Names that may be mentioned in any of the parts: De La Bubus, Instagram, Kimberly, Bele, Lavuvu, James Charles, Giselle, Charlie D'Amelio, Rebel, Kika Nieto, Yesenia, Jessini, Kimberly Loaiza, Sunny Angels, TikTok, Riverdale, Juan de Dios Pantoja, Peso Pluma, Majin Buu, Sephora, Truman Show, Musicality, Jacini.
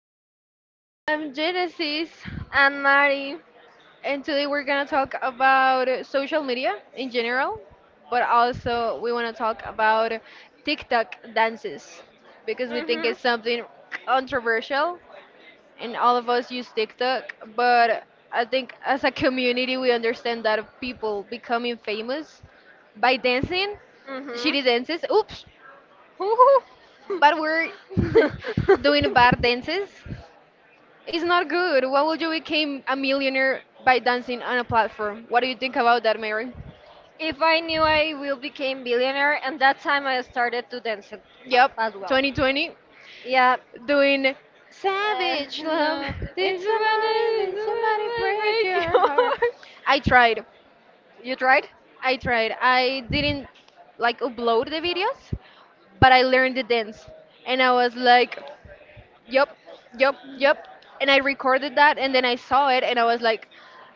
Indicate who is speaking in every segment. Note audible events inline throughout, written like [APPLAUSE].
Speaker 1: Hi,
Speaker 2: I'm Genesis,
Speaker 1: I'm Mari.
Speaker 2: and today we're gonna talk about social media in general, but also we wanna talk about TikTok dances because we think
Speaker 1: Mhm.
Speaker 2: it's something controversial, and all of us use TikTok. But I think as a community, we understand that people becoming famous by dancing
Speaker 1: Mhm.
Speaker 2: shitty dances. Oops,
Speaker 1: Woohoo.
Speaker 2: but we're [LAUGHS] doing bar
Speaker 1: [LAUGHS]
Speaker 2: dances. It's not good. Why would you become a millionaire by dancing on a platform? What do you think about that, Mary?
Speaker 1: If I knew I will become billionaire, and that time I started to dance it,
Speaker 2: Yep,
Speaker 1: as well.
Speaker 2: 2020,
Speaker 1: Yeah.
Speaker 2: doing savage love.
Speaker 1: No,
Speaker 2: Did
Speaker 1: it's my,
Speaker 2: somebody,
Speaker 1: it's
Speaker 2: did
Speaker 1: my
Speaker 2: somebody
Speaker 1: my
Speaker 2: break
Speaker 1: break [LAUGHS]
Speaker 2: your heart?
Speaker 1: yours.
Speaker 2: I tried.
Speaker 1: You tried?
Speaker 2: I tried. I didn't like upload the videos, but I learned the dance, and I was like. Yep, yep, yep. And I recorded that and then I saw it and I was like,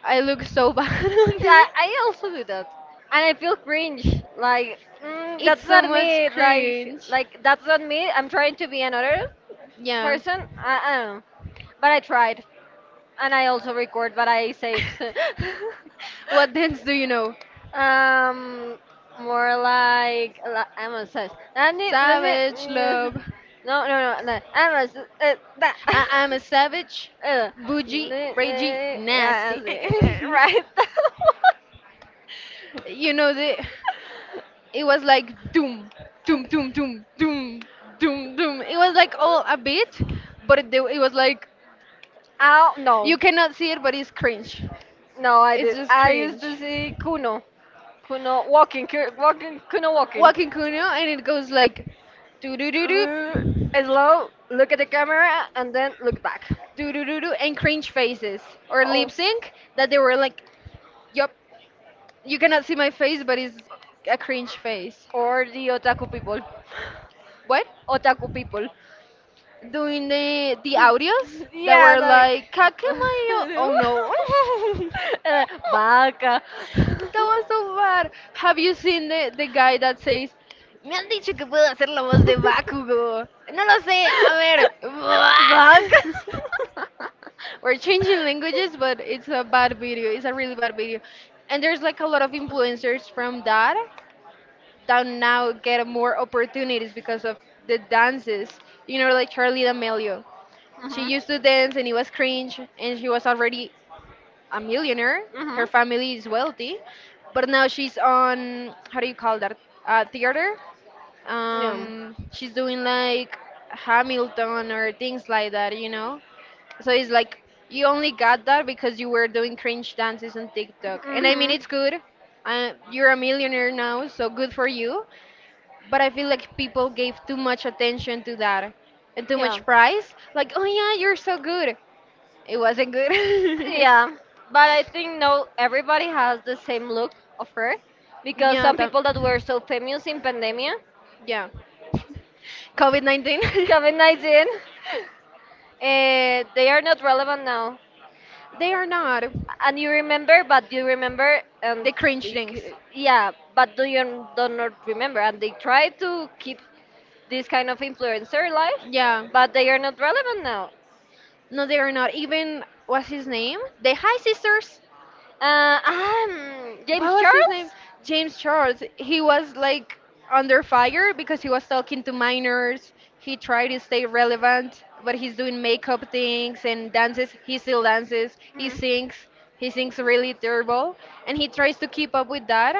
Speaker 2: I look so bad [LAUGHS] on
Speaker 1: Yeah,
Speaker 2: this.
Speaker 1: I also do that, and I feel cringe. Like
Speaker 2: It's
Speaker 1: that's
Speaker 2: so
Speaker 1: not
Speaker 2: much
Speaker 1: me. Like
Speaker 2: cringe.
Speaker 1: like that's not me. I'm trying to be another
Speaker 2: Yeah.
Speaker 1: person. I don't know. But I tried, and I also record what I saved.
Speaker 2: [LAUGHS] What dance
Speaker 1: [LAUGHS]
Speaker 2: do you know?
Speaker 1: um, More like Amazon says. And it was it.
Speaker 2: Savage love.
Speaker 1: [LAUGHS] No, no, no, no. Amazon. That. [LAUGHS]
Speaker 2: I'm a savage,
Speaker 1: Uh,
Speaker 2: bougie, ragey,
Speaker 1: yeah,
Speaker 2: nasty.
Speaker 1: I
Speaker 2: [LAUGHS]
Speaker 1: see. Right.
Speaker 2: You know, the it was like doom, doom, doom, doom, doom, doom, doom. It was like all a bit, but it was like
Speaker 1: [LAUGHS] Oh
Speaker 2: you
Speaker 1: no,
Speaker 2: cannot see it, but it's cringe.
Speaker 1: no, I
Speaker 2: It's
Speaker 1: did.
Speaker 2: just
Speaker 1: I used to
Speaker 2: cringe.
Speaker 1: see Kuno, Kuno walking, walking, Kuno walking.
Speaker 2: Walking Kuno and it goes like do do do do
Speaker 1: L- Slow, look at the camera, and then look back.
Speaker 2: do do do do and cringe faces or lip
Speaker 1: Oh,
Speaker 2: sync that they were like, yup, you cannot see my face but it's a cringe face.
Speaker 1: or the otaku people.
Speaker 2: What?
Speaker 1: [LAUGHS] Otaku people.
Speaker 2: Doing the audios
Speaker 1: [LAUGHS]
Speaker 2: that
Speaker 1: Yeah,
Speaker 2: were
Speaker 1: like.
Speaker 2: like "Cat can
Speaker 1: [LAUGHS]
Speaker 2: my oh no."
Speaker 1: And,
Speaker 2: [LAUGHS]
Speaker 1: Baka. [LAUGHS]
Speaker 2: That was so bad. Have you seen the guy that says, Me han dicho que puedo hacer la voz de Bakugo. No lo sé, a ver.
Speaker 1: Baka. [LAUGHS]
Speaker 2: [LAUGHS] We're changing languages, but it's a bad video. It's a really bad video. And there's like a lot of influencers from that that now get more opportunities because of the dances. You know, like Charlie D'Amelio. She
Speaker 1: Mhm.
Speaker 2: used to dance and it was cringe and she was already a millionaire. Her
Speaker 1: Mhm.
Speaker 2: family is wealthy. But now she's on, how do you call that? Theater.
Speaker 1: Yeah.
Speaker 2: She's doing like Hamilton or things like that, you know? So it's like you only got that because you were doing cringe dances on TikTok. And I mean,
Speaker 1: Mhm.
Speaker 2: it's good. You're a millionaire now, so good for you. But I feel like people gave too much attention to that and too
Speaker 1: Yeah.
Speaker 2: much price. Like, oh yeah, you're so good. It wasn't good. [LAUGHS]
Speaker 1: Yeah, but I think no, everybody has the same look of her because
Speaker 2: Yeah,
Speaker 1: some people that were so famous in pandemia,
Speaker 2: yeah. [LAUGHS] COVID 19? [LAUGHS]
Speaker 1: COVID COVID-19, they are not relevant now.
Speaker 2: They are not.
Speaker 1: And you remember, but you remember, and
Speaker 2: They cringe things.
Speaker 1: yeah, but do you do not remember? And they try to keep this kind of influencer life,
Speaker 2: Yeah.
Speaker 1: but they are not relevant now.
Speaker 2: No, they are not. Even, what's his name? The High Sisters. What
Speaker 1: James
Speaker 2: was his name?
Speaker 1: Charles?
Speaker 2: James Charles. He was like under fire because he was talking to minors. He tried to stay relevant, but he's doing makeup things and dances. He still dances. He
Speaker 1: Hmm.
Speaker 2: sings. He sings really terrible, and he tries to keep up with that,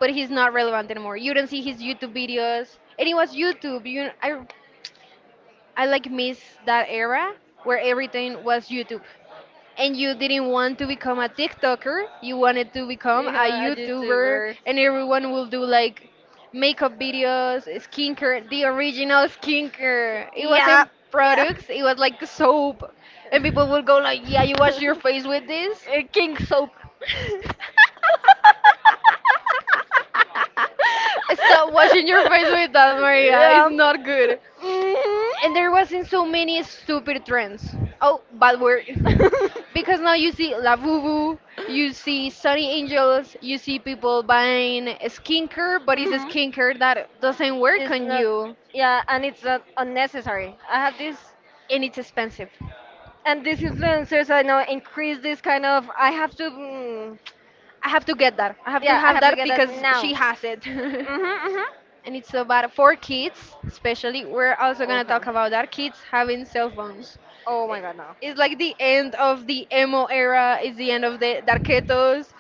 Speaker 2: but he's not relevant anymore. You don't see his YouTube videos, and it was YouTube. I like miss that era where everything was YouTube and you didn't want to become a TikToker, you wanted to become a
Speaker 1: Yeah, a
Speaker 2: YouTuber,
Speaker 1: YouTuber.
Speaker 2: and everyone will do like makeup videos, skincare, the original skincare. It
Speaker 1: Yeah,
Speaker 2: wasn't
Speaker 1: yeah.
Speaker 2: products, it was like soap, and people would go like, "Yeah, you wash your
Speaker 1: [LAUGHS]
Speaker 2: face with this."
Speaker 1: King soap.
Speaker 2: [LAUGHS] Stop washing your face with that,
Speaker 1: [LAUGHS]
Speaker 2: Maria. It's
Speaker 1: Yeah.
Speaker 2: not good
Speaker 1: Hmm.
Speaker 2: and there wasn't so many stupid trends. Oh, bad word. Because now you see Lavuvu, you see Sunny Angels, you see people buying skincare, but it's a
Speaker 1: Hmm. [LAUGHS]
Speaker 2: skincare that doesn't work
Speaker 1: It's
Speaker 2: on
Speaker 1: not.
Speaker 2: you
Speaker 1: Yeah, and it's not unnecessary. I have this,
Speaker 2: and it's expensive.
Speaker 1: and these influencers I know increase this kind of. I have to. Mm,
Speaker 2: I have to get that. I have to
Speaker 1: yeah, I
Speaker 2: have
Speaker 1: have to
Speaker 2: that
Speaker 1: get that
Speaker 2: because she
Speaker 1: now.
Speaker 2: has it. [LAUGHS]
Speaker 1: Hmm.
Speaker 2: And
Speaker 1: Hmm.
Speaker 2: it's about for kids, especially. We're also gonna
Speaker 1: Okay.
Speaker 2: talk about our kids having cell phones.
Speaker 1: Oh my
Speaker 2: I-
Speaker 1: God,
Speaker 2: It's like the end of the emo era. It's the end of the darketos,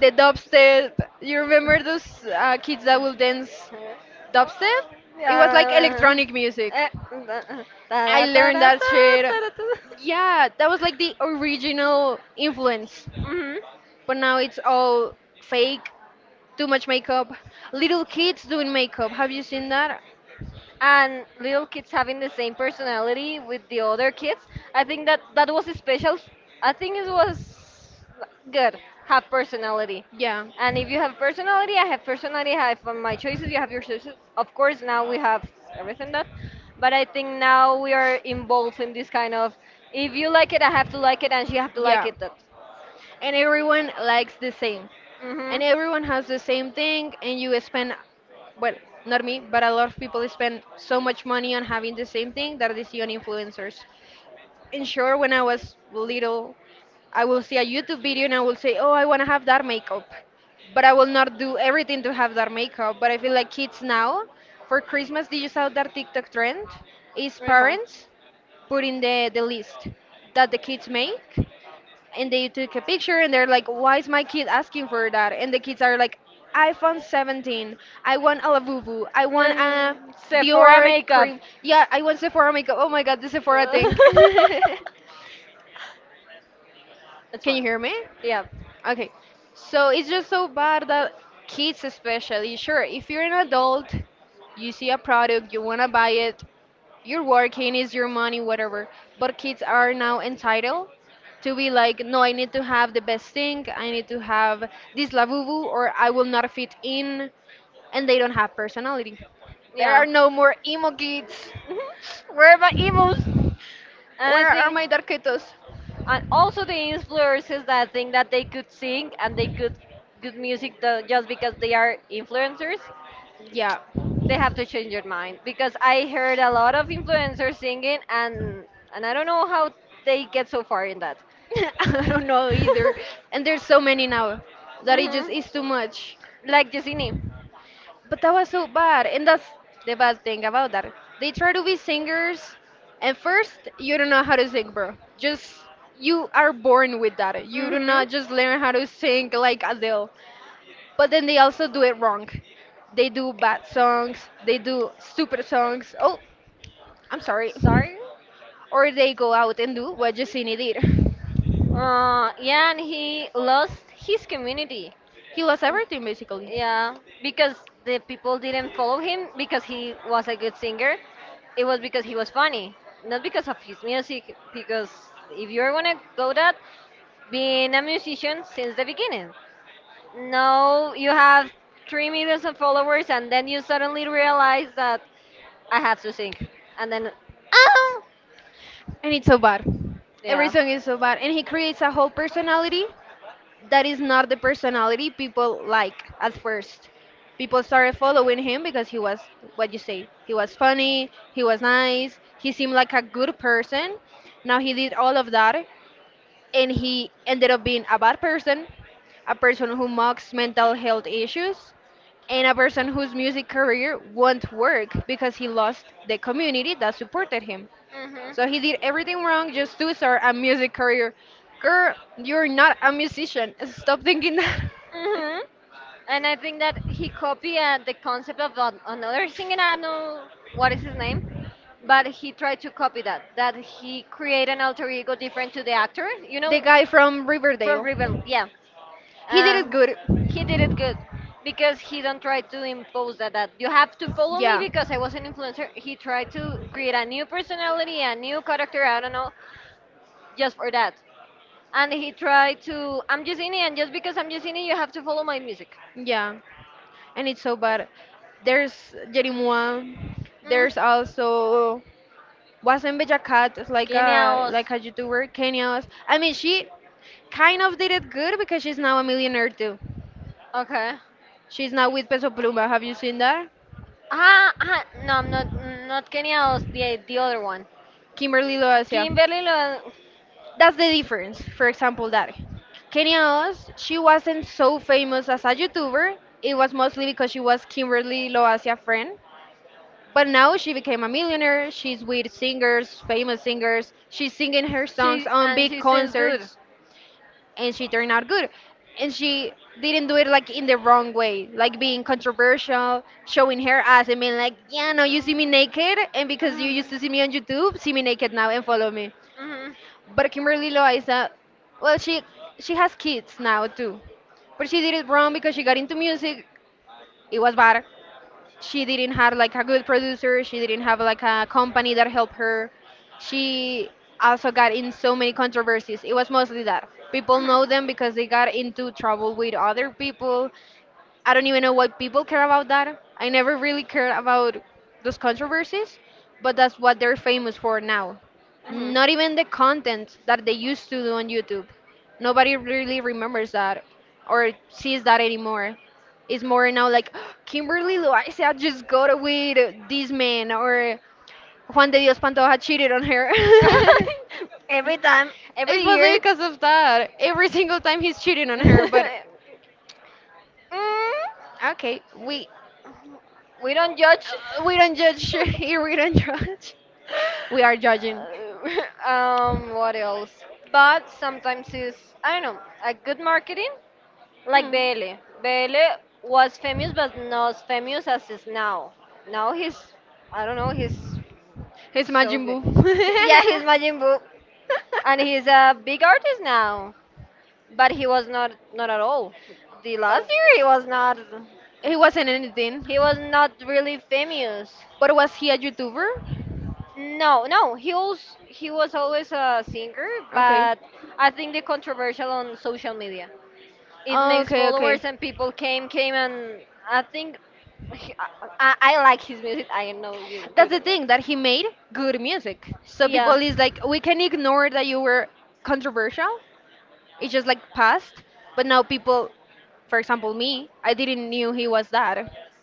Speaker 2: the dubstep. You remember those kids that will dance
Speaker 1: now. [LAUGHS]
Speaker 2: dubstep? It was like
Speaker 1: Yeah.
Speaker 2: electronic music.
Speaker 1: Eh, da-
Speaker 2: I
Speaker 1: da- da- da-
Speaker 2: learned
Speaker 1: da- da-
Speaker 2: that shit.
Speaker 1: da- da-
Speaker 2: Yeah, that was like the original influence.
Speaker 1: Mhm.
Speaker 2: But now it's all fake, too much makeup. Little kids doing makeup. Have you seen that?
Speaker 1: And little kids having the same personality with the other kids. I think that that was special. I think it was good. Have personality.
Speaker 2: Yeah.
Speaker 1: And if you have personality, I have personality. I have my choices. You have your choices. Of course, now we have everything that. But I think now we are involved in this kind of if you like it, I have to like it, and she have to like
Speaker 2: Yeah,
Speaker 1: it. That.
Speaker 2: and everyone likes the same,
Speaker 1: Mhm.
Speaker 2: and everyone has the same thing, and you spend, well, not me, but a lot of people spend so much money on having the same thing that they see on influencers. And sure, when I was little, I will see a YouTube video and I will say, oh, I want to have that makeup, but I will not do everything to have that makeup. But I feel like kids now, for Christmas, did you saw that TikTok trend? Is
Speaker 1: Very fun.
Speaker 2: parents putting the list that the kids make and they took a picture and they're like why is my kid asking for that and the kids are like iphone 17, I want a lavuvu, I want a
Speaker 1: Sephora
Speaker 2: dior
Speaker 1: makeup.
Speaker 2: cream, yeah, I want sephora makeup, oh my god, the sephora thing. [LAUGHS] Can
Speaker 1: [LAUGHS] It's fun.
Speaker 2: you hear me?
Speaker 1: Yeah,
Speaker 2: Okay, so it's just so bad that kids especially, sure, if you're an adult you see a product you want to buy it, you're working, is your money, whatever, but kids are now entitled to be like, no, I need to have the best thing, I need to have this lavuvu or I will not fit in, and they don't have personality. There are
Speaker 1: yeah.
Speaker 2: no more emo kids.
Speaker 1: Mhm. Where are my emus? And
Speaker 2: Where
Speaker 1: I
Speaker 2: are my
Speaker 1: think,
Speaker 2: darketos?
Speaker 1: and also the influencers that think that they could sing and they could good music just because they are influencers.
Speaker 2: Yeah.
Speaker 1: They have to change their mind because I heard a lot of influencers singing and I don't know how they get so far in that.
Speaker 2: [LAUGHS] I don't know
Speaker 1: [LAUGHS]
Speaker 2: either. And there's so many now that it just
Speaker 1: Mhm.
Speaker 2: is too much.
Speaker 1: Like Jessini.
Speaker 2: But that was so bad, and that's the bad thing about that. They try to be singers, and first you don't know how to sing, bro. Just you are born with that. You do not
Speaker 1: Mhm.
Speaker 2: just learn how to sing like Adele. But then they also do it wrong. They do bad songs. They do stupid songs. Oh, I'm sorry.
Speaker 1: Sorry.
Speaker 2: Or they go out and do what Jacini did.
Speaker 1: Yeah, and he lost his community.
Speaker 2: He lost
Speaker 1: Uh,
Speaker 2: everything basically,
Speaker 1: Yeah, because the people didn't follow him because he was a good singer. It was because he was funny, not because of his music. Because if you're gonna go that, being a musician since the beginning. Now you have 3 millions of followers, and then you suddenly realize that I have to sing, and then, oh,
Speaker 2: and it's so bad. Every
Speaker 1: yeah.
Speaker 2: song is so bad, and he creates a whole personality that is not the personality people like at first. People started following him because he was what you say. He was funny, he was nice, he seemed like a good person. Now he did all of that and he ended up being a bad person, a person who mocks mental health issues, and a person whose music career won't work because he lost the community that supported him.
Speaker 1: Mhm.
Speaker 2: So he did everything wrong just to start a music career. Girl, you're not a musician. Stop thinking that. [LAUGHS]
Speaker 1: Mhm. And I think that he copied the concept of another singer. I don't know what is his name, but he tried to copy that. That he create an alter ego different to the actor. You
Speaker 2: The
Speaker 1: know,
Speaker 2: guy from
Speaker 1: from
Speaker 2: Riverdale.
Speaker 1: Rebel, yeah.
Speaker 2: He did it
Speaker 1: Uh,
Speaker 2: good.
Speaker 1: he did it good because he don't try to impose that. That you have to follow me
Speaker 2: Yeah,
Speaker 1: because I was an influencer. He tried to create a new personality, a new character. I don't know, just for that. And he tried to I'm Yesenia, and just because I'm Yesenia, you have to follow my music.
Speaker 2: yeah. And it's so bad. There's Jerimua.
Speaker 1: Mm,
Speaker 2: There's also wasn't Beja Cat like a
Speaker 1: genial.
Speaker 2: like a YouTuber Kenya's. I mean, she kind of did it good because she's now a millionaire too.
Speaker 1: Okay.
Speaker 2: She's now with Peso Pluma. Have you seen that?
Speaker 1: No, I'm not Kenya. I was the other one.
Speaker 2: Kimberly Loacia.
Speaker 1: Kimberly,
Speaker 2: That's the difference. For example, that Kenya Oz, she wasn't so famous as a YouTuber. It was mostly because she was Kimberly Loacia friend. But now she became a millionaire. She's with singers, famous singers. She's singing her songs
Speaker 1: she
Speaker 2: on
Speaker 1: and
Speaker 2: big
Speaker 1: she sings good.
Speaker 2: concerts, and she turned out good. And she didn't do it like in the wrong way, like being controversial, showing her ass, and being like, "Yeah, now you see me naked, and because you used to see me
Speaker 1: Mm-hmm.
Speaker 2: on YouTube, see me naked now and follow me." But Kimberly Loaiza, well, she has kids now too, but she did it wrong because she got into music. It was bad. She didn't have like a good producer. She didn't have like a company that helped her. She also got in so many controversies. It was mostly that people know them because they got into trouble with other people. I don't even know why people care about that. I never really cared about those controversies, but that's what they're famous for now.
Speaker 1: Mhm. Mhm.
Speaker 2: Not even the content that they used to do on YouTube. Nobody really remembers that or sees that anymore. It's more now like [GASPS] Kimberly Loaiza just got with this man or Juan de Dios Pantoja cheated on her. [LAUGHS]
Speaker 1: [LAUGHS] Every time,
Speaker 2: It's
Speaker 1: every
Speaker 2: mostly
Speaker 1: year.
Speaker 2: because of that. Every single time he's cheating on her, but
Speaker 1: [LAUGHS] Mm,
Speaker 2: okay,
Speaker 1: we don't judge.
Speaker 2: We don't judge [LAUGHS] here. We don't judge. We are judging.
Speaker 1: [LAUGHS] What else? But sometimes it's I don't know a good marketing. Like
Speaker 2: Mm.
Speaker 1: Bele. Bele was famous, but not as famous as is now. Now he's, I don't know, he's
Speaker 2: He's
Speaker 1: so
Speaker 2: Majin
Speaker 1: good.
Speaker 2: Buu.
Speaker 1: Yeah,
Speaker 2: [LAUGHS]
Speaker 1: he's Majin Buu, and he's a big artist now. But he was not, not at all. The last year he
Speaker 2: Oh,
Speaker 1: was not,
Speaker 2: he wasn't anything.
Speaker 1: he was not really famous.
Speaker 2: But was he a YouTuber?
Speaker 1: No, no, he was always a singer,
Speaker 2: Okay.
Speaker 1: but I think the controversial on social media. It makes
Speaker 2: Okay, okay.
Speaker 1: followers and people came and I think he- I like his music. I know you
Speaker 2: That's the
Speaker 1: don't like.
Speaker 2: thing that he made good music. So people
Speaker 1: Yeah.
Speaker 2: is like, we can ignore that you were controversial. It's just like past, but now people, for example me, I didn't knew he was that.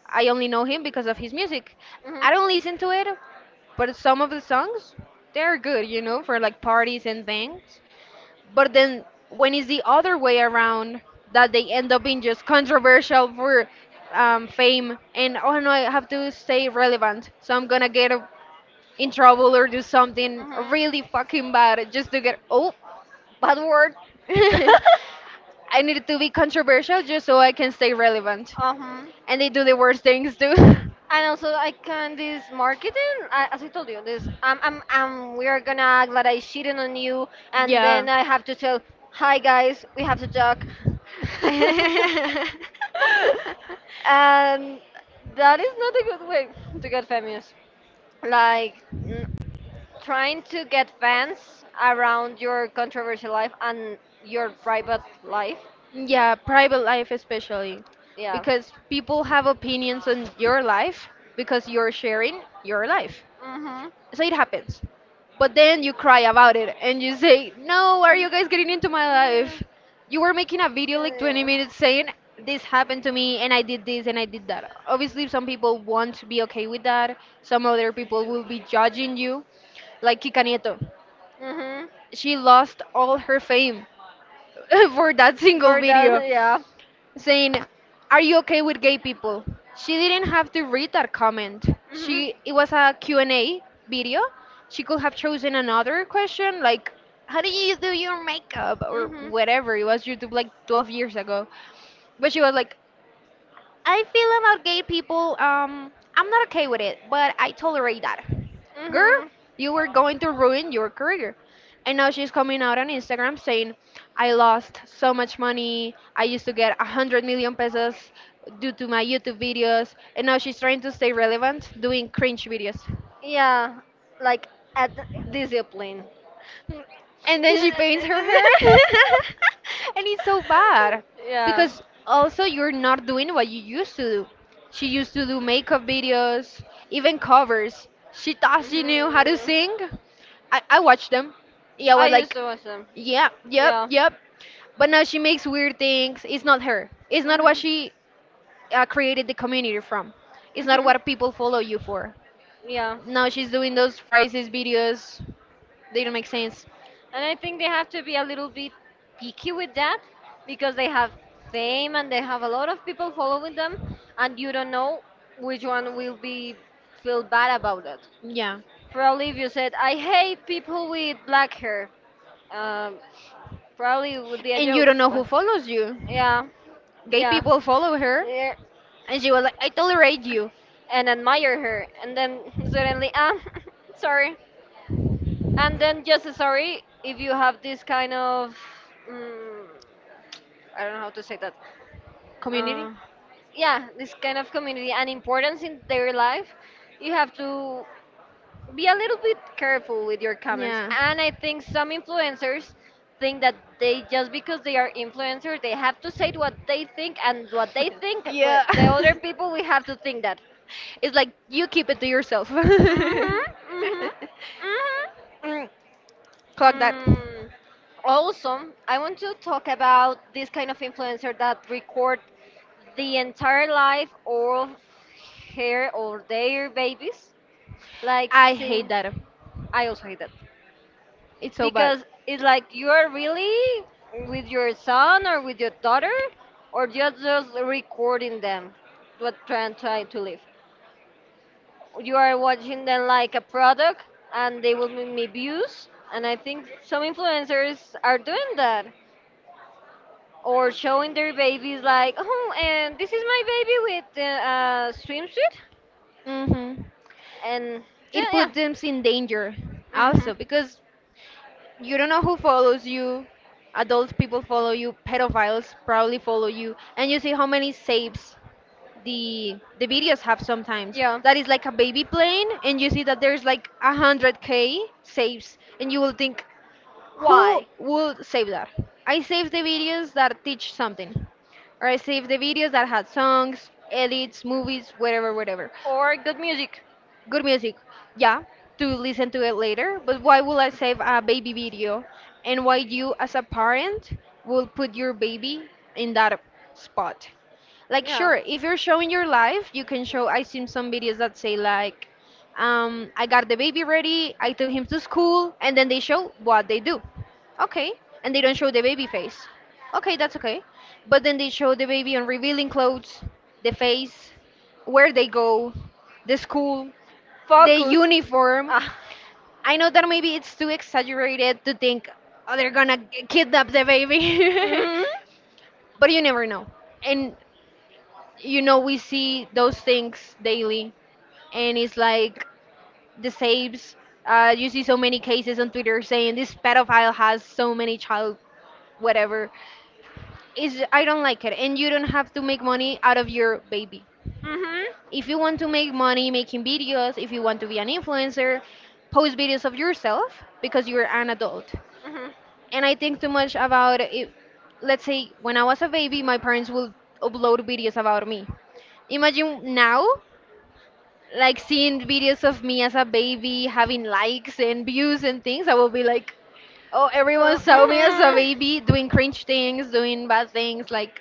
Speaker 2: I only know him because of his music.
Speaker 1: Hmm.
Speaker 2: I don't listen to it, but some of the songs they're good, you know, for like parties and things. But then when it's the other way around that they end up being just controversial for fame and, oh no, I have to stay relevant, so I'm gonna get in trouble or do something
Speaker 1: Mhm.
Speaker 2: really fucking bad just to get oh.
Speaker 1: Bad word.
Speaker 2: [LAUGHS]
Speaker 1: [LAUGHS]
Speaker 2: I need to be controversial just so I can stay relevant.
Speaker 1: Uh-huh.
Speaker 2: And they do the worst things too. [LAUGHS]
Speaker 1: And also, I can this marketing. I, as I told you, this we are gonna act like I cheated on you, and
Speaker 2: Yeah.
Speaker 1: then I have to tell, hi guys, we have to talk. [LAUGHS]
Speaker 2: [LAUGHS]
Speaker 1: And that is not a good way to get famous. Like trying to get fans around your controversial life and your private life.
Speaker 2: Yeah, private life especially.
Speaker 1: Yeah.
Speaker 2: Because people have opinions on your life because you're sharing your life,
Speaker 1: Mhm.
Speaker 2: so it happens. But then you cry about it and you say, no, why are you guys getting into my life? You were making a video like 20
Speaker 1: Yeah.
Speaker 2: minutes saying this happened to me and I did this and I did that. Obviously some people want to be okay with that, some other people will be judging you. Like Kika Nieto,
Speaker 1: Mhm.
Speaker 2: she lost all her fame [LAUGHS] for that single
Speaker 1: For that,
Speaker 2: video
Speaker 1: yeah.
Speaker 2: saying, "Are you okay with gay people?" She didn't have to read that comment.
Speaker 1: Mhm.
Speaker 2: She It was a Q&A video. She could have chosen another question like, "How do you do your makeup?" or
Speaker 1: Mhm.
Speaker 2: whatever. It was YouTube like 12 years ago. But she was like, I feel about gay people, I'm not okay with it, but I tolerate that. Girl,
Speaker 1: Mhm.
Speaker 2: you were going to ruin your career. And now she's coming out on Instagram saying, I lost so much money. I used to get 100 million pesos due to my YouTube videos. And now she's trying to stay relevant doing cringe videos.
Speaker 1: Yeah, like at discipline.
Speaker 2: And
Speaker 1: [LAUGHS]
Speaker 2: then she paints her hair [LAUGHS] and it's so bad
Speaker 1: [LAUGHS] Yeah.
Speaker 2: because also you're not doing what you used to do. She used to do makeup videos, even covers. She thought she knew how to
Speaker 1: Hmm.
Speaker 2: sing. I watched them, yeah. I
Speaker 1: I
Speaker 2: was
Speaker 1: used
Speaker 2: like,
Speaker 1: to watch them.
Speaker 2: yep, yep,
Speaker 1: Yeah.
Speaker 2: yep. But now she makes weird things. It's not her, it's not what
Speaker 1: Hmm.
Speaker 2: she created the community from. It's not
Speaker 1: Hmm.
Speaker 2: what people follow you for.
Speaker 1: Yeah.
Speaker 2: Now she's doing those phrases videos, they don't make sense.
Speaker 1: And I think they have to be a little bit picky with that because they have fame and they have a lot of people following them, and you don't know which one will be feel bad about it.
Speaker 2: Yeah.
Speaker 1: Probably if you said, I hate people with black hair, um, probably it would be a
Speaker 2: And you
Speaker 1: joke.
Speaker 2: don't know who
Speaker 1: But
Speaker 2: follows you.
Speaker 1: yeah,
Speaker 2: Gay
Speaker 1: yeah.
Speaker 2: people follow her.
Speaker 1: Yeah.
Speaker 2: And she was like, I tolerate you.
Speaker 1: And admire her and then [LAUGHS] suddenly ah [LAUGHS] sorry and then just a sorry if you have this kind of mm, I don't know how to say that. uh,
Speaker 2: Community?
Speaker 1: yeah, this kind of community and importance in their life. You have to be a little bit careful with your comments
Speaker 2: Yeah.
Speaker 1: and I think some influencers think that they just because they are influencers they have to say what they think and what they think with
Speaker 2: Yeah.
Speaker 1: the
Speaker 2: [LAUGHS]
Speaker 1: other people we have to think that.
Speaker 2: It's like, you keep it to yourself. [LAUGHS]
Speaker 1: Mhm. Mhm. Mhm.
Speaker 2: Mm, clock that.
Speaker 1: Mm, Also, I want to talk about this kind of influencer that record the entire life of her or their babies. Like,
Speaker 2: I
Speaker 1: see,
Speaker 2: hate that.
Speaker 1: I also hate that
Speaker 2: It's so bad.
Speaker 1: because it's like you are really with your son or with your daughter, or you're just recording them, what trying to live. You are watching them like a product, and they will make me views. And I think some influencers are doing that. Or showing their babies like, oh, and this is my baby with the a swimsuit,
Speaker 2: Hmm.
Speaker 1: and yeah,
Speaker 2: It
Speaker 1: yeah,
Speaker 2: puts them in danger
Speaker 1: hmm
Speaker 2: also because you don't know who follows you. Adult people follow you. Pedophiles probably follow you, and you see how many saves the videos have sometimes.
Speaker 1: yeah.
Speaker 2: That is like a baby plane, and you see that there's like 100K saves, and you will think, who
Speaker 1: Why?
Speaker 2: will save that? I save the videos that teach something, or I save the videos that had songs, edits, movies, whatever, whatever.
Speaker 1: Or good music.
Speaker 2: Good music, yeah, to listen to it later. But why will I save a baby video, and why you as a parent will put your baby in that spot? Like,
Speaker 1: Yeah.
Speaker 2: sure, if you're showing your life, you can show. I seen some videos that say like, I got the baby ready, I took him to school, and then they show what they do. Okay, and they don't show the baby face. Okay, that's okay. But then they show the baby on revealing clothes, the face, where they go, the school, the
Speaker 1: Focus.
Speaker 2: uniform.
Speaker 1: Ah.
Speaker 2: I know that maybe it's too exaggerated to think, oh, they're gonna kidnap the baby,
Speaker 1: Mhm.
Speaker 2: [LAUGHS] but you never know. And you know we see those things daily, and it's like the saves. You see so many cases on Twitter saying this pedophile has so many child whatever. Is, I don't like it, and you don't have to make money out of your baby.
Speaker 1: Mhm.
Speaker 2: If you want to make money making videos, if you want to be an influencer, post videos of yourself because you're an adult.
Speaker 1: Mhm.
Speaker 2: And I think too much about it. Let's say when I was a baby, my parents would upload videos about me. Imagine now, like seeing videos of me as a baby, having likes and views and things. I will be like, oh, everyone saw me as a
Speaker 1: Mhm.
Speaker 2: baby doing cringe things, doing bad things. Like,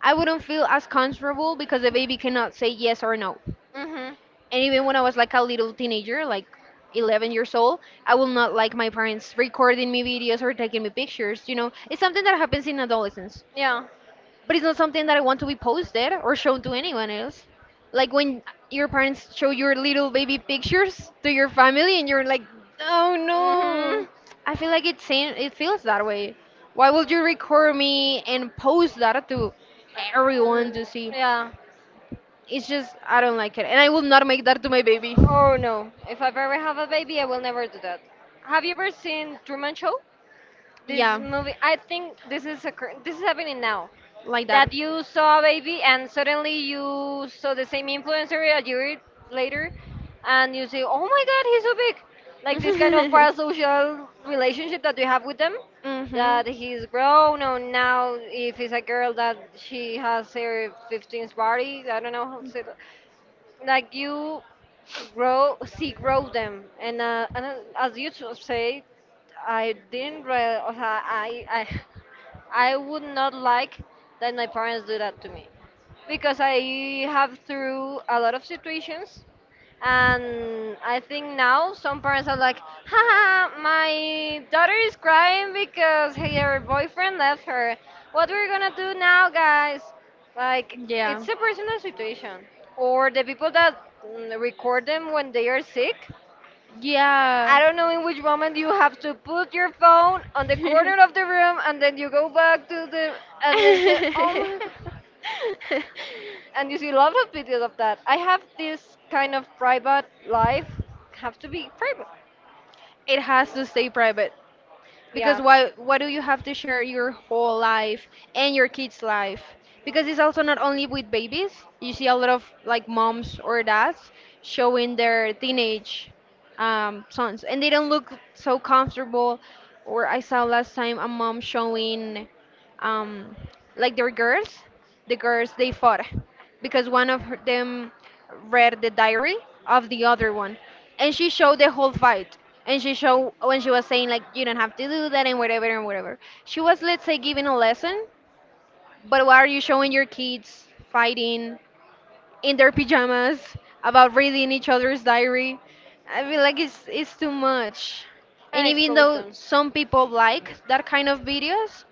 Speaker 2: I wouldn't feel as comfortable because a baby cannot say yes or no.
Speaker 1: Mhm.
Speaker 2: And even when I was like a little teenager, like 11 years old, I will not like my parents recording me videos or taking me pictures. You know, it's something that happens in adolescence,
Speaker 1: Yeah.
Speaker 2: but it's not something that I want to be posted or shown to anyone else. Like when your parents show your little baby pictures to your family, and you're like, oh no,
Speaker 1: Mhm.
Speaker 2: I feel like it's same, it feels that way. Why would you record me and post that to
Speaker 1: Uh, uh,
Speaker 2: everyone to see?
Speaker 1: yeah.
Speaker 2: It's just I don't like it, and I will not make that to my baby.
Speaker 1: Oh no. If I ever have a baby, I will never do that. Have you ever seen Truman Show? This
Speaker 2: Yeah,
Speaker 1: movie. I think this is This is happening now.
Speaker 2: like that.
Speaker 1: That you saw a baby and suddenly you saw the same influencer a year later and you say, oh my god, he's so big. Like this kind of
Speaker 2: [LAUGHS]
Speaker 1: parasocial relationship that you have with them,
Speaker 2: Mhm.
Speaker 1: that he's grown, or now if it's a girl that she has her 15th party, I don't know how to say that like you grow see grow them and as you should say. I didn't re- or ha- I [LAUGHS] I would not like that my parents do that to me because I have through a lot of situations. And I think now some parents are like, haha, my daughter is crying because hey, her boyfriend left her. What we're gonna do now, guys? Like,
Speaker 2: Yeah.
Speaker 1: it's a personal situation. Or the people that record them when they are sick. I
Speaker 2: Yeah.
Speaker 1: don't know in which moment you have to put your phone on the corner
Speaker 2: [LAUGHS]
Speaker 1: of the room and then you go back to the and then say,
Speaker 2: [LAUGHS]
Speaker 1: oh my god. And you see a lot of videos of that. I have this kind of private life, have to be private,
Speaker 2: It has to stay private.
Speaker 1: yeah,
Speaker 2: Because why do you have to share your whole life and your kids life? Because it's also not only with babies. You see a lot of like moms or dads showing their teenage sons, and they don't look so comfortable. Or I saw last time a mom showing um, like their girls, the girls they fought because one of them read the diary of the other one, and she showed the whole fight. And she showed when she was saying like, you don't have to do that and whatever and whatever. She was, let's say, giving a lesson. But why are you showing your kids fighting in their pajamas about reading each other's diary? I feel like it's too much. And
Speaker 1: and
Speaker 2: even
Speaker 1: expose
Speaker 2: though
Speaker 1: them.
Speaker 2: some people like that kind of videos,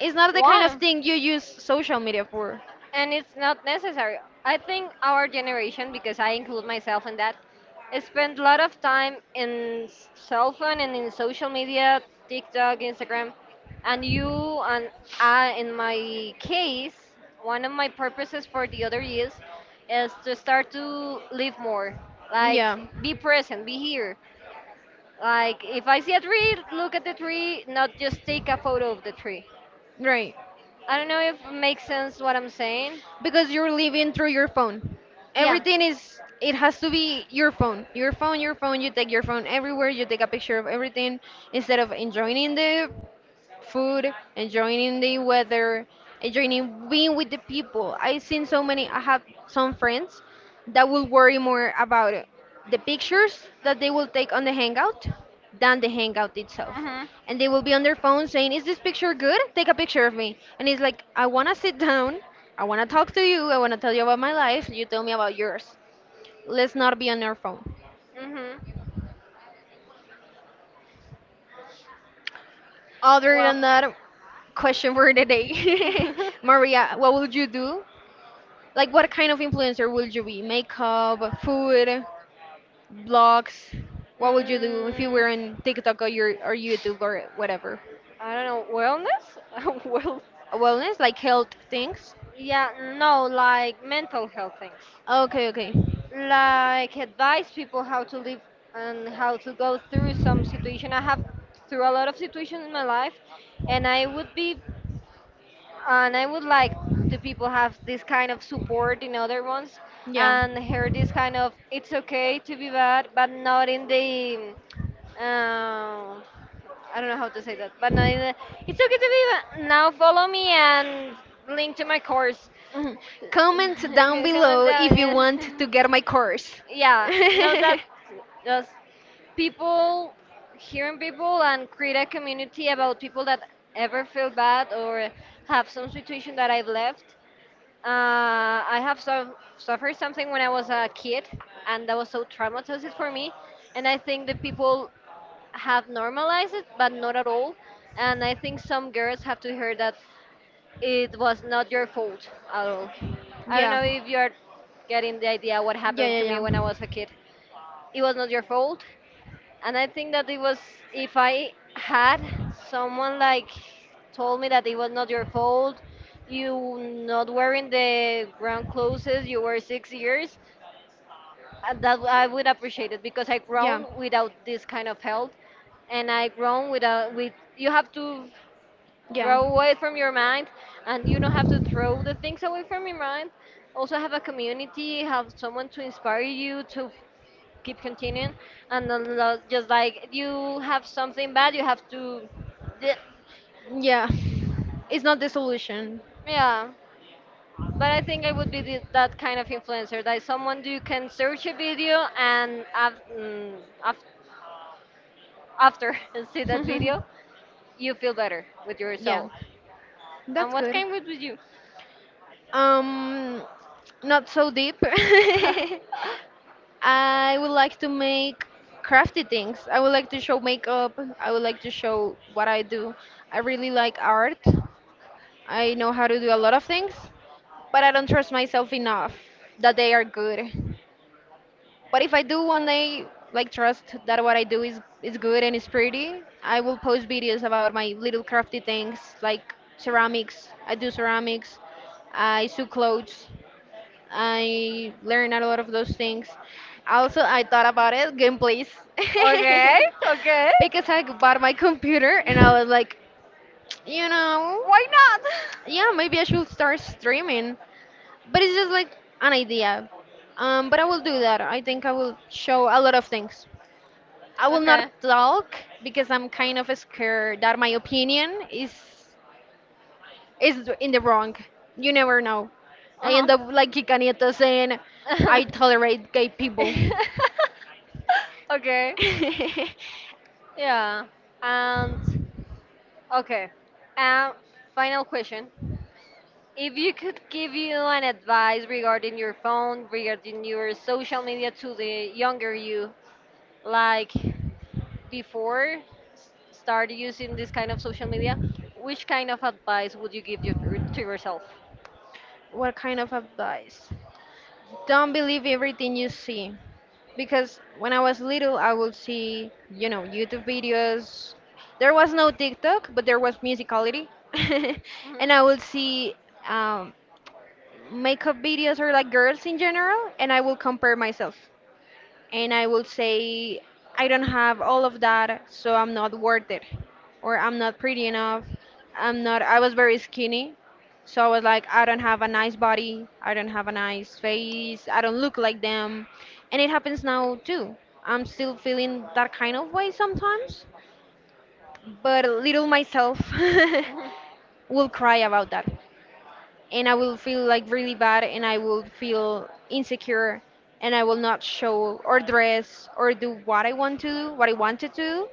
Speaker 2: it's not the kind of
Speaker 1: Why?
Speaker 2: thing you use social media for.
Speaker 1: And it's not necessary. I think our generation, because I include myself in that, spend a lot of time in cell phone and in social media, TikTok, Instagram, and you and I, in my case, one of my purposes for the other years is to start to live more, like
Speaker 2: Yeah,
Speaker 1: be present, be here. Like if I see a tree, look at the tree, not just take a photo of the tree.
Speaker 2: right.
Speaker 1: I don't know if it makes sense what I'm saying.
Speaker 2: Because you're living through your phone.
Speaker 1: Yeah.
Speaker 2: Everything is, it has to be your phone. Your phone, your phone, you take your phone everywhere, you take a picture of everything instead of enjoying the food, enjoying the weather, enjoying being with the people. I've seen so many, I have some friends that will worry more about it, the pictures that they will take on the hangout than the hangout itself.
Speaker 1: Mhm.
Speaker 2: And they will be on their phone saying, is this picture good? Take a picture of me. And it's like, I want to sit down. I want to talk to you. I want to tell you about my life. You tell me about yours. Let's not be on our phone.
Speaker 1: Mhm.
Speaker 2: Other
Speaker 1: Well.
Speaker 2: than that, question for the
Speaker 1: [LAUGHS]
Speaker 2: day. [LAUGHS] Maria, what would you do? Like, what kind of influencer would you be? Makeup, food, blogs. What would you do if you
Speaker 1: mm,
Speaker 2: were on TikTok or your or YouTube or whatever?
Speaker 1: I don't know. Wellness? [LAUGHS] Well.
Speaker 2: Wellness, like health things.
Speaker 1: Yeah. No. Like mental health things.
Speaker 2: Okay, okay.
Speaker 1: Like advise people how to live and how to go through some situation. I have through a lot of situations in my life, and I would like the people have this kind of support in other ones
Speaker 2: Yeah.
Speaker 1: and hear this kind of it's okay to be bad, but not in the uh, I don't know how to say that, but not in the, it's okay to be bad. Now follow me and link to my course.
Speaker 2: Mhm.
Speaker 1: [LAUGHS]
Speaker 2: Comment down
Speaker 1: Come on
Speaker 2: below if you want
Speaker 1: down.
Speaker 2: to
Speaker 1: [LAUGHS]
Speaker 2: get my course. [LAUGHS]
Speaker 1: Yeah, no,
Speaker 2: Yeah.
Speaker 1: that just people hearing people and create a community about people that ever feel bad or have some situation that I've left. Uh, I have so, suffered something when I was a kid, and that was so traumatizing for me. And I think the people have normalized it, but not at all. And I think some girls have to hear that it was not your fault at all. I don't know if you are getting the idea what
Speaker 2: Yeah,
Speaker 1: happened
Speaker 2: yeah,
Speaker 1: to me when I
Speaker 2: yeah.
Speaker 1: was a kid. It was not your fault. And I think that it was if I had someone like told me that it was not your fault, you not wearing the ground clothes you were 6 years, that I would appreciate it because I
Speaker 2: Yeah.
Speaker 1: grown without this kind of help, and I grown without with you have to
Speaker 2: Yeah.
Speaker 1: throw away from your mind, and you don't have to throw the things away from your mind. Also have a community, have someone to inspire you to keep continuing and not just like you have something bad, you have to, Bleh.
Speaker 2: Yeah. It's not the solution.
Speaker 1: Yeah. But I think I would be that kind of influencer, that someone you can search a video and af- after [LAUGHS] and see that video,
Speaker 2: [LAUGHS]
Speaker 1: you feel better with
Speaker 2: Yeah.
Speaker 1: yourself. And
Speaker 2: That's
Speaker 1: what
Speaker 2: good.
Speaker 1: kind would be you?
Speaker 2: Um, Not so deep. [LAUGHS]
Speaker 1: [LAUGHS]
Speaker 2: I would like to make crafty things. I would like to show makeup. I would like to show what I do. I really like art. I know how to do a lot of things, but I don't trust myself enough that they are good. But if I do one day, like trust that what I do is good and is pretty, I will post videos about my little crafty things like ceramics. I do ceramics. I sew clothes. I learned a lot of those things. Also, I thought about it, gameplays.
Speaker 1: Okay, okay.
Speaker 2: [LAUGHS] Because I bought my computer and
Speaker 1: [LAUGHS]
Speaker 2: I was like, you know,
Speaker 1: Why not?
Speaker 2: yeah, maybe I should start streaming. But it's just like an idea. But I will do that. I think I will show a lot of things. I
Speaker 1: [LAUGHS]
Speaker 2: will
Speaker 1: Okay.
Speaker 2: not talk because I'm kind of scared that my opinion is in the wrong. You never know. I
Speaker 1: Uh
Speaker 2: end up like Kika Nieto saying,
Speaker 1: huh.
Speaker 2: I
Speaker 1: [LAUGHS]
Speaker 2: tolerate gay people.
Speaker 1: Okay.
Speaker 2: [LAUGHS]
Speaker 1: Yeah. And okay. Um, Final question. If you could give you an advice regarding your phone, regarding your social media to the younger you, like before start using this kind of social media, which kind of advice would you give you to yourself?
Speaker 2: What kind of advice? Don't believe everything you see. Because when I was little, I would see, you know, YouTube videos. There was no TikTok, but there was Musicality. [LAUGHS] And I
Speaker 1: Hmm.
Speaker 2: would see um, makeup videos or like girls in general, and I would compare myself. And I will say, I don't have all of that, so I'm not worth it, or I'm not pretty enough. I'm not, I was very skinny, so I was like, I don't have a nice body, I don't have a nice face, I don't look like them. And it happens now too. I'm still feeling that kind of way sometimes, but little myself [LAUGHS]
Speaker 1: Hmm.
Speaker 2: will cry about that, and I will feel like really bad, and I will feel insecure, and I will not show or dress or do what I want to do, what I want to do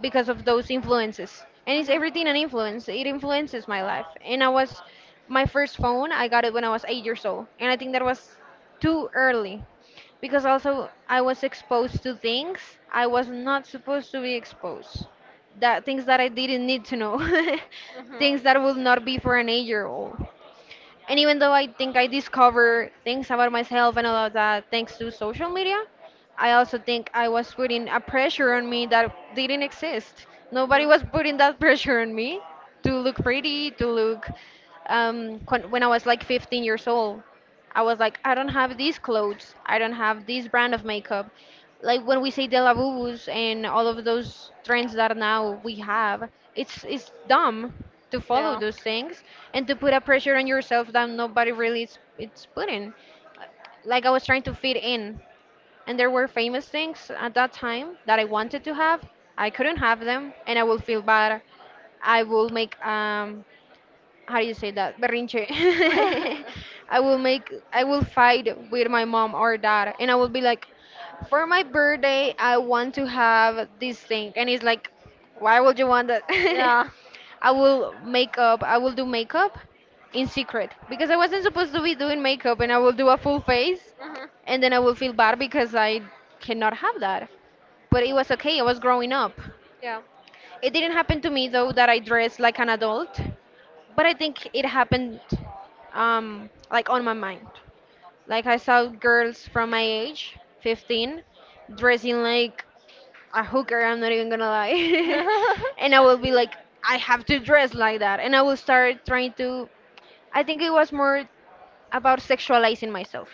Speaker 2: because of those influences. And it's everything an
Speaker 1: Hmm.
Speaker 2: influence. It influences my life. And I was, my first phone, I got it when I was 8 years old. And I think that was too early because also I was exposed to things I was not supposed to be exposed. That things that I didn't need to know. [LAUGHS]
Speaker 1: Hmm.
Speaker 2: Things that will not be for an 8-year-old. And even though I think I discover things about myself and all of that thanks to social media, I also think I was putting a pressure on me that didn't exist.
Speaker 1: Hmm.
Speaker 2: Nobody was putting that [LAUGHS] pressure on me to look pretty, to look when I was like 15 years old. I was like, I don't have these clothes. I don't have this brand of makeup. Like when we say De La Bubus and all of those trends that now we have, it's dumb to follow
Speaker 1: Yeah.
Speaker 2: those things and to put a pressure on yourself that nobody really is it's putting. Like I was trying to fit in, and there were famous things at that time that I wanted to have. I couldn't have them, and I will feel bad. I will make how do you say that? Berrinche. [LAUGHS]
Speaker 1: [LAUGHS]
Speaker 2: I will make, I will fight with my mom or dad, and I will be like, for my birthday, I want to have this thing, and it's like, why would you want that? [LAUGHS]
Speaker 1: Yeah.
Speaker 2: I will make up, I will do makeup in secret because I wasn't supposed to be doing makeup, and I will do a full face,
Speaker 1: Hmm.
Speaker 2: and then I will feel bad because I cannot have that. But it was okay, I was growing up.
Speaker 1: Yeah.
Speaker 2: It didn't happen to me though that I dressed like an adult, but I think it happened like on my mind. Like I saw girls from my age, 15, dressing like a hooker, I'm not even gonna
Speaker 1: [LAUGHS] Hmm.
Speaker 2: lie. [LAUGHS] And I will be like, I have to dress like that. And I will start trying to, I think it was more about sexualizing myself.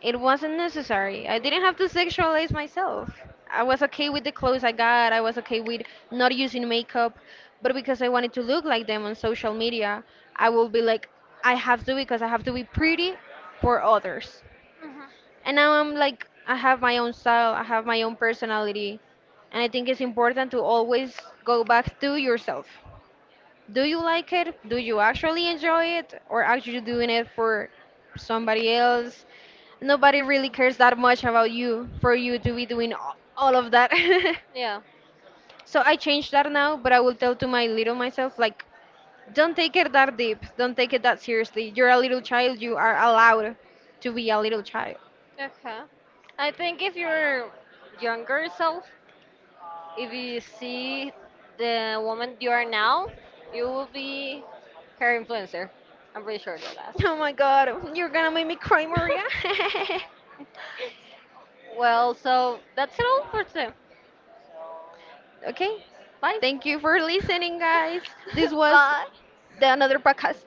Speaker 2: It wasn't necessary. I didn't have to sexualize myself. I was okay with the clothes I got. I was okay with not using makeup, but because I wanted to look like them on social media, I will be like, I have to because I have to be pretty for others.
Speaker 1: Hmm.
Speaker 2: And now I'm like, I have my own style. I have my own personality, and I think it's important to always go back to yourself. Do you like it? Do you actually enjoy it? Or are you doing it for somebody else? Nobody really cares that much about you for you to be doing all of that. [LAUGHS]
Speaker 1: Yeah.
Speaker 2: So I changed that now, but I will tell to my little myself, like, don't take it that deep. Don't take it that seriously. You're a little child. You are allowed to be a little child. [LAUGHS]
Speaker 1: Okay. I think if your younger self, if you see the woman you are now, you will be her influencer. I'm pretty sure that that's.
Speaker 2: Oh my god, you're gonna make me cry, Maria.
Speaker 1: [LAUGHS] Well, so that's it all for today.
Speaker 2: [LAUGHS] Okay,
Speaker 1: Bye.
Speaker 2: thank you for listening, guys. This
Speaker 1: [LAUGHS]
Speaker 2: was
Speaker 1: Bye.
Speaker 2: the another podcast.